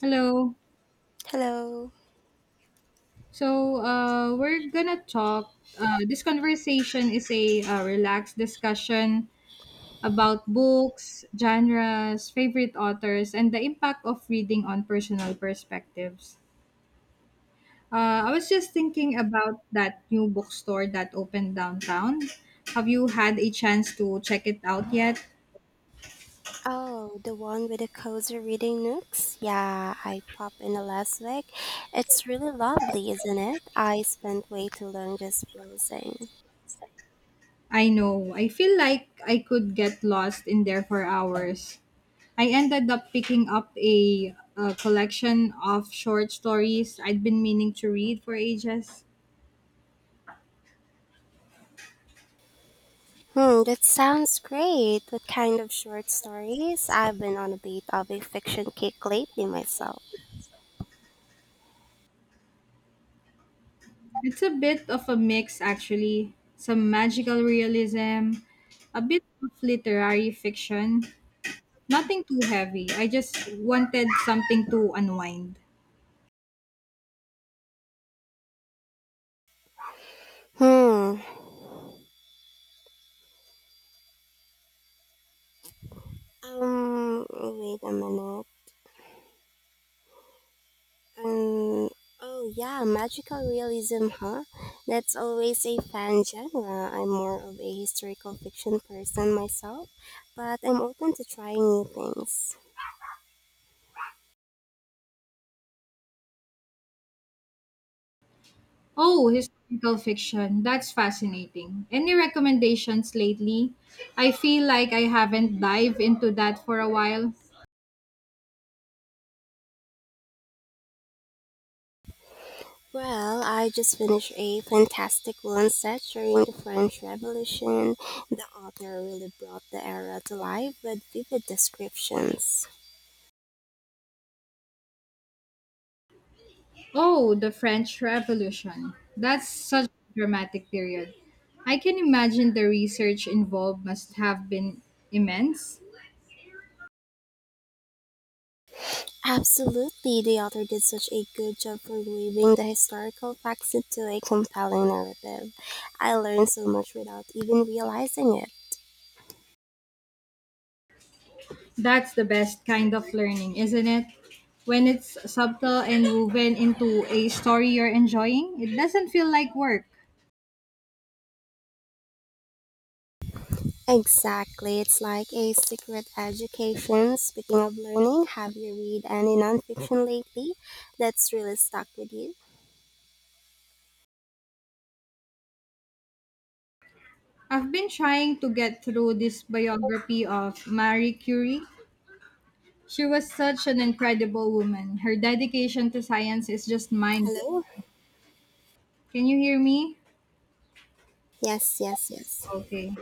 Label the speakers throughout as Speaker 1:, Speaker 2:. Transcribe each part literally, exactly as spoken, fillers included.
Speaker 1: Hello.
Speaker 2: Hello.
Speaker 1: So, uh, we're gonna talk. Uh, this conversation is a uh, relaxed discussion about books, genres, favorite authors, and the impact of reading on personal perspectives. Uh, I was just thinking about that new bookstore that opened downtown. Have you had a chance to check it out yet?
Speaker 2: Oh, the one with the cozy reading nooks? Yeah, I popped in the last week. It's really lovely, isn't it? I spent way too long just browsing.
Speaker 1: I know. I feel like I could get lost in there for hours. I ended up picking up a, a collection of short stories I'd been meaning to read for ages.
Speaker 2: Hmm, that sounds great. What kind of short stories? I've been on a bit of a fiction kick lately myself.
Speaker 1: It's a bit of a mix, actually. Some magical realism, a bit of literary fiction. Nothing too heavy. I just wanted something to unwind.
Speaker 2: Hmm. Um, wait a minute. Um, oh yeah, magical realism, huh? That's always a fan genre. I'm more of a historical fiction person myself, but I'm open to trying new things.
Speaker 1: Oh, historical fiction. That's fascinating. Any recommendations lately? I feel like I haven't dived into that for a while.
Speaker 2: Well, I just finished a fantastic one set during the French Revolution. The author really brought the era to life with vivid descriptions.
Speaker 1: Oh, the French Revolution. That's such a dramatic period. I can imagine the research involved must have been immense.
Speaker 2: Absolutely, the author did such a good job for weaving the historical facts into a compelling narrative. I learned so much without even realizing it.
Speaker 1: That's the best kind of learning, isn't it? When it's subtle and woven into a story you're enjoying, it doesn't feel like work.
Speaker 2: Exactly, it's like a secret education. Speaking of learning, have you read any nonfiction lately that's really stuck with you?
Speaker 1: I've been trying to get through this biography of Marie Curie. She was such an incredible woman. Her dedication to science is just mind blowing.
Speaker 2: Hello?
Speaker 1: Can you hear me?
Speaker 2: Yes, yes, yes.
Speaker 1: Okay.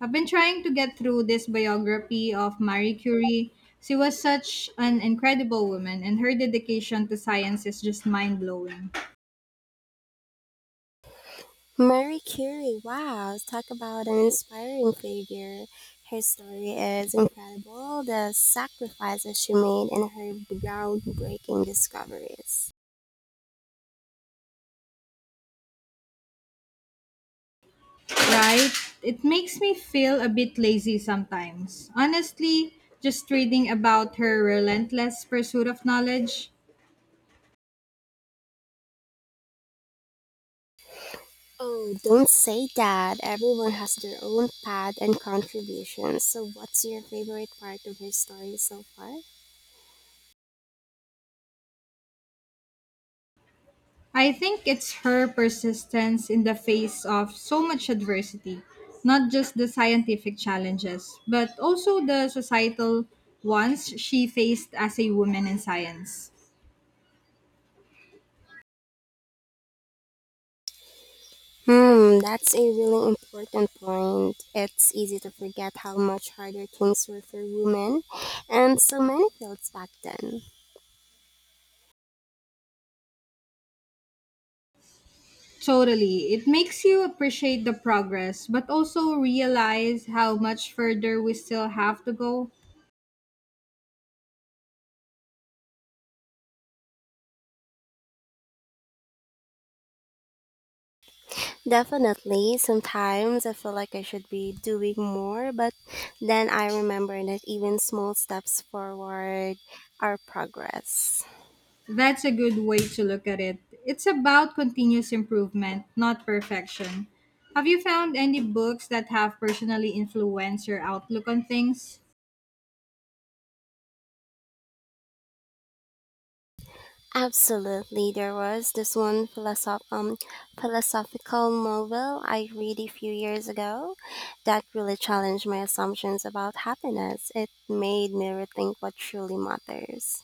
Speaker 1: I've been trying to get through this biography of Marie Curie. She was such an incredible woman, and her dedication to science is just mind blowing.
Speaker 2: Marie Curie, wow, talk about an inspiring figure. Her story is incredible, the sacrifices she made and her groundbreaking discoveries.
Speaker 1: Right? It makes me feel a bit lazy sometimes. Honestly, just reading about her relentless pursuit of knowledge.
Speaker 2: Oh, don't say that. Everyone has their own path and contributions. So, what's your favorite part of her story so far?
Speaker 1: I think it's her persistence in the face of so much adversity, not just the scientific challenges, but also the societal ones she faced as a woman in science.
Speaker 2: Hmm, that's a really important point. It's easy to forget how much harder things were for women and so many fields back then.
Speaker 1: Totally. It makes you appreciate the progress, but also realize how much further we still have to go.
Speaker 2: Definitely. Sometimes I feel like I should be doing more, but then I remember that even small steps forward are progress.
Speaker 1: That's a good way to look at it. It's about continuous improvement, not perfection. Have you found any books that have personally influenced your outlook on things?
Speaker 2: Absolutely. There was this one philosoph- um, philosophical novel I read a few years ago that really challenged my assumptions about happiness. It made me rethink what truly matters.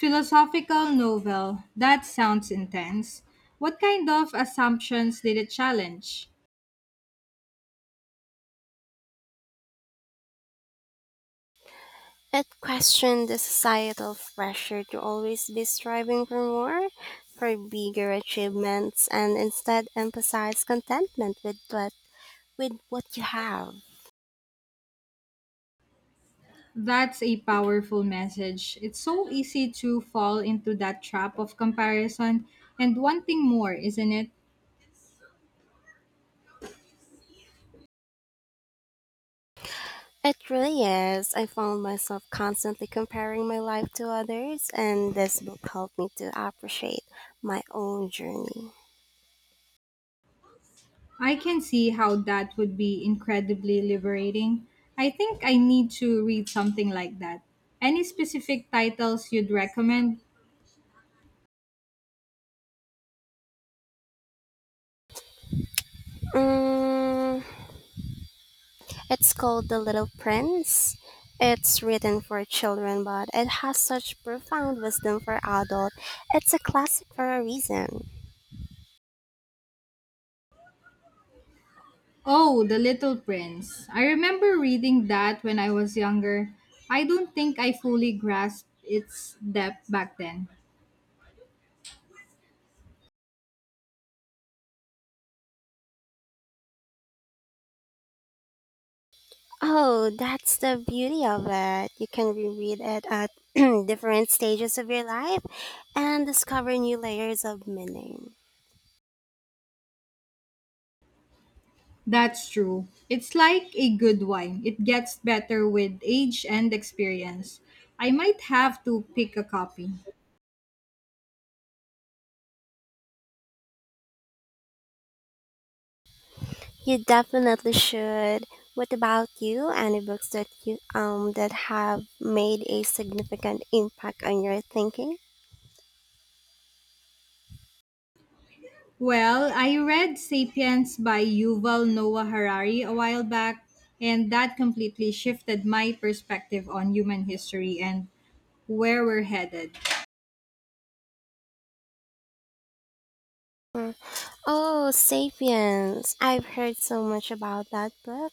Speaker 1: Philosophical novel. That sounds intense. What kind of assumptions did it challenge?
Speaker 2: It questioned the societal pressure to always be striving for more, for bigger achievements, and instead emphasized contentment with what, with what you have.
Speaker 1: That's a powerful message. It's so easy to fall into that trap of comparison and wanting more, isn't it?
Speaker 2: It really is. I found myself constantly comparing my life to others, and this book helped me to appreciate my own journey.
Speaker 1: I can see how that would be incredibly liberating. I think I need to read something like that. Any specific titles you'd recommend?
Speaker 2: Mm, it's called The Little Prince. It's written for children, but it has such profound wisdom for adults. It's a classic for a reason.
Speaker 1: Oh, The Little Prince. I remember reading that when I was younger. I don't think I fully grasped its depth back then.
Speaker 2: Oh, that's the beauty of it. You can reread it at different stages of your life and discover new layers of meaning.
Speaker 1: That's true. It's like a good wine, it gets better with age and experience. I might have to pick a copy.
Speaker 2: You definitely should. What about you? Any books that you um that have made a significant impact on your thinking?
Speaker 1: Well, I read Sapiens by Yuval Noah Harari a while back, and that completely shifted my perspective on human history and where we're headed.
Speaker 2: Oh, Sapiens. I've heard so much about that book.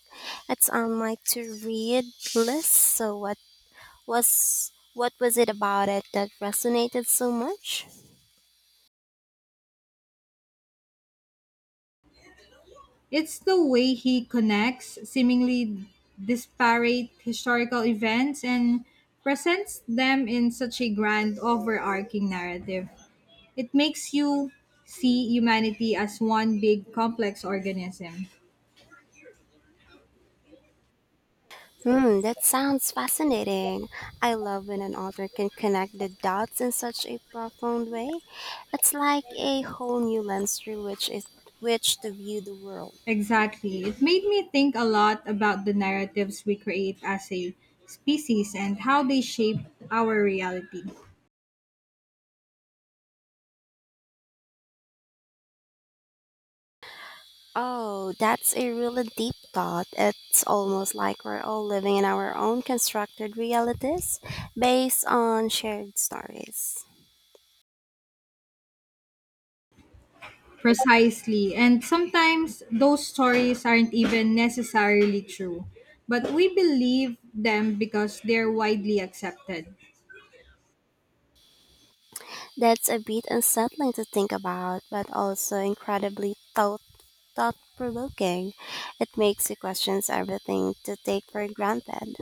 Speaker 2: It's on my to-read list. So what was what was it about it that resonated so much?
Speaker 1: It's the way he connects seemingly disparate historical events and presents them in such a grand overarching narrative. It makes you see humanity as one big complex organism.
Speaker 2: Hmm, that sounds fascinating. I love when an author can connect the dots in such a profound way. It's like a whole new lens through which it which to view the world.
Speaker 1: Exactly. It made me think a lot about the narratives we create as a species and how they shape our reality.
Speaker 2: Oh, that's a really deep thought. It's almost like we're all living in our own constructed realities based on shared stories.
Speaker 1: Precisely. And sometimes those stories aren't even necessarily true, but we believe them because they're widely accepted.
Speaker 2: That's a bit unsettling to think about, but also incredibly thought thought provoking. It makes you question everything to take for granted.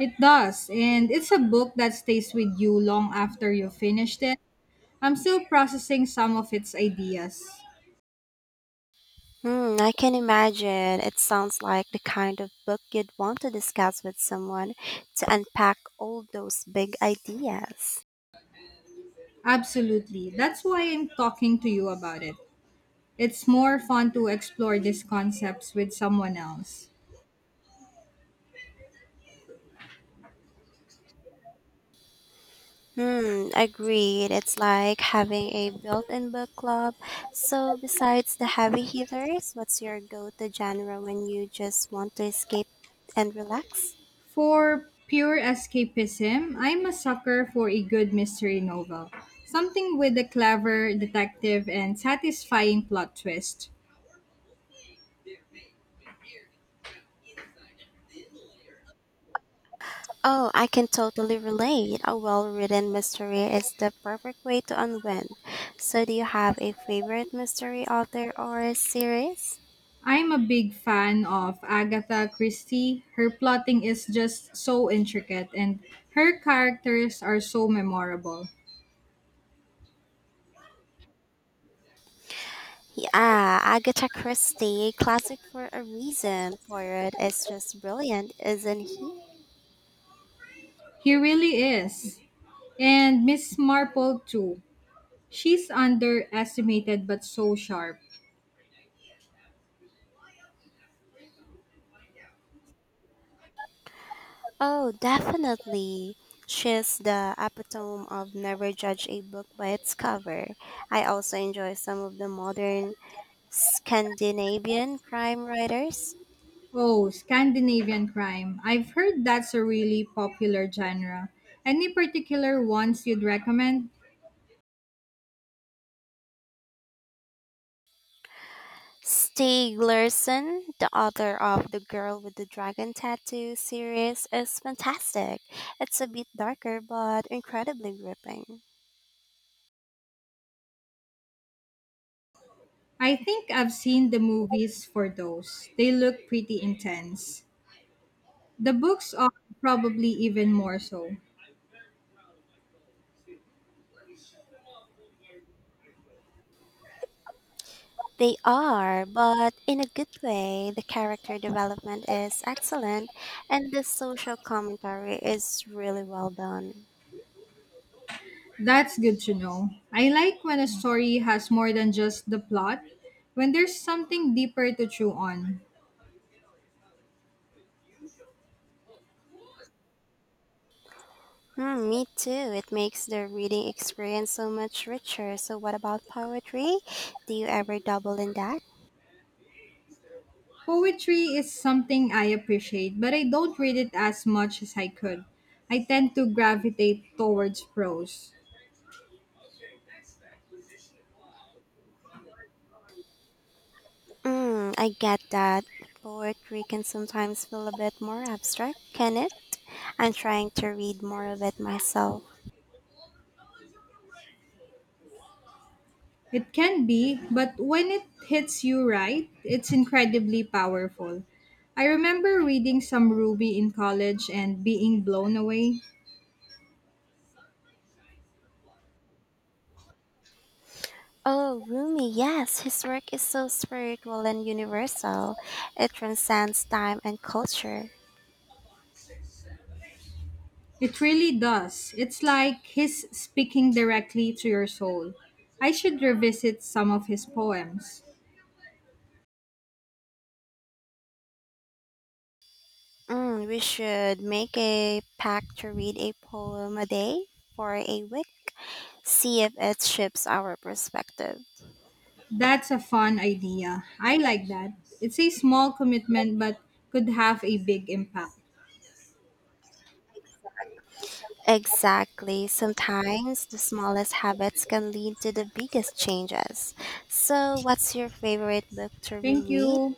Speaker 1: It does, and it's a book that stays with you long after you finished it. I'm still processing some of its ideas.
Speaker 2: Hmm, I can imagine. It sounds like the kind of book you'd want to discuss with someone to unpack all those big ideas.
Speaker 1: Absolutely. That's why I'm talking to you about it. It's more fun to explore these concepts with someone else.
Speaker 2: Hmm, agreed. It's like having a built-in book club. So, besides the heavy hitters, what's your go-to genre when you just want to escape and relax?
Speaker 1: For pure escapism, I'm a sucker for a good mystery novel. Something with a clever detective and satisfying plot twist.
Speaker 2: Oh, I can totally relate. A well-written mystery is the perfect way to unwind. So, do you have a favorite mystery author or series?
Speaker 1: I'm a big fan of Agatha Christie. Her plotting is just so intricate and her characters are so memorable.
Speaker 2: Yeah, Agatha Christie, classic for a reason. Poirot is just brilliant, isn't he?
Speaker 1: He really is. And Miss Marple too. She's underestimated but so sharp.
Speaker 2: Oh, definitely. She's the epitome of never judge a book by its cover. I also enjoy some of the modern Scandinavian crime writers.
Speaker 1: Oh, Scandinavian crime. I've heard that's a really popular genre. Any particular ones you'd recommend?
Speaker 2: Stieg Larsson, the author of The Girl with the Dragon Tattoo series, is fantastic. It's a bit darker but incredibly gripping.
Speaker 1: I think I've seen the movies for those. They look pretty intense. The books are probably even more so.
Speaker 2: They are, but in a good way. The character development is excellent, and the social commentary is really well done.
Speaker 1: That's good to know. I like when a story has more than just the plot, when there's something deeper to chew on.
Speaker 2: Hmm, me too. It makes the reading experience so much richer. So, what about poetry? Do you ever double in that?
Speaker 1: Poetry is something I appreciate, but I don't read it as much as I could. I tend to gravitate towards prose.
Speaker 2: Mm, I get that. Poetry can sometimes feel a bit more abstract, can it? I'm trying to read more of it myself.
Speaker 1: It can be, but when it hits you right, it's incredibly powerful. I remember reading some Ruby in college and being blown away.
Speaker 2: Oh, Rumi, yes, his work is so spiritual and universal. It transcends time and culture.
Speaker 1: It really does. It's like he's speaking directly to your soul. I should revisit some of his poems.
Speaker 2: Mm, we should make a pact to read a poem a day for a week. See if it shifts our perspective.
Speaker 1: That's a fun idea. I like that. It's a small commitment but could have a big impact.
Speaker 2: Exactly. Sometimes the smallest habits can lead to the biggest changes. So, what's your favorite book to
Speaker 1: Thank
Speaker 2: reread?
Speaker 1: you.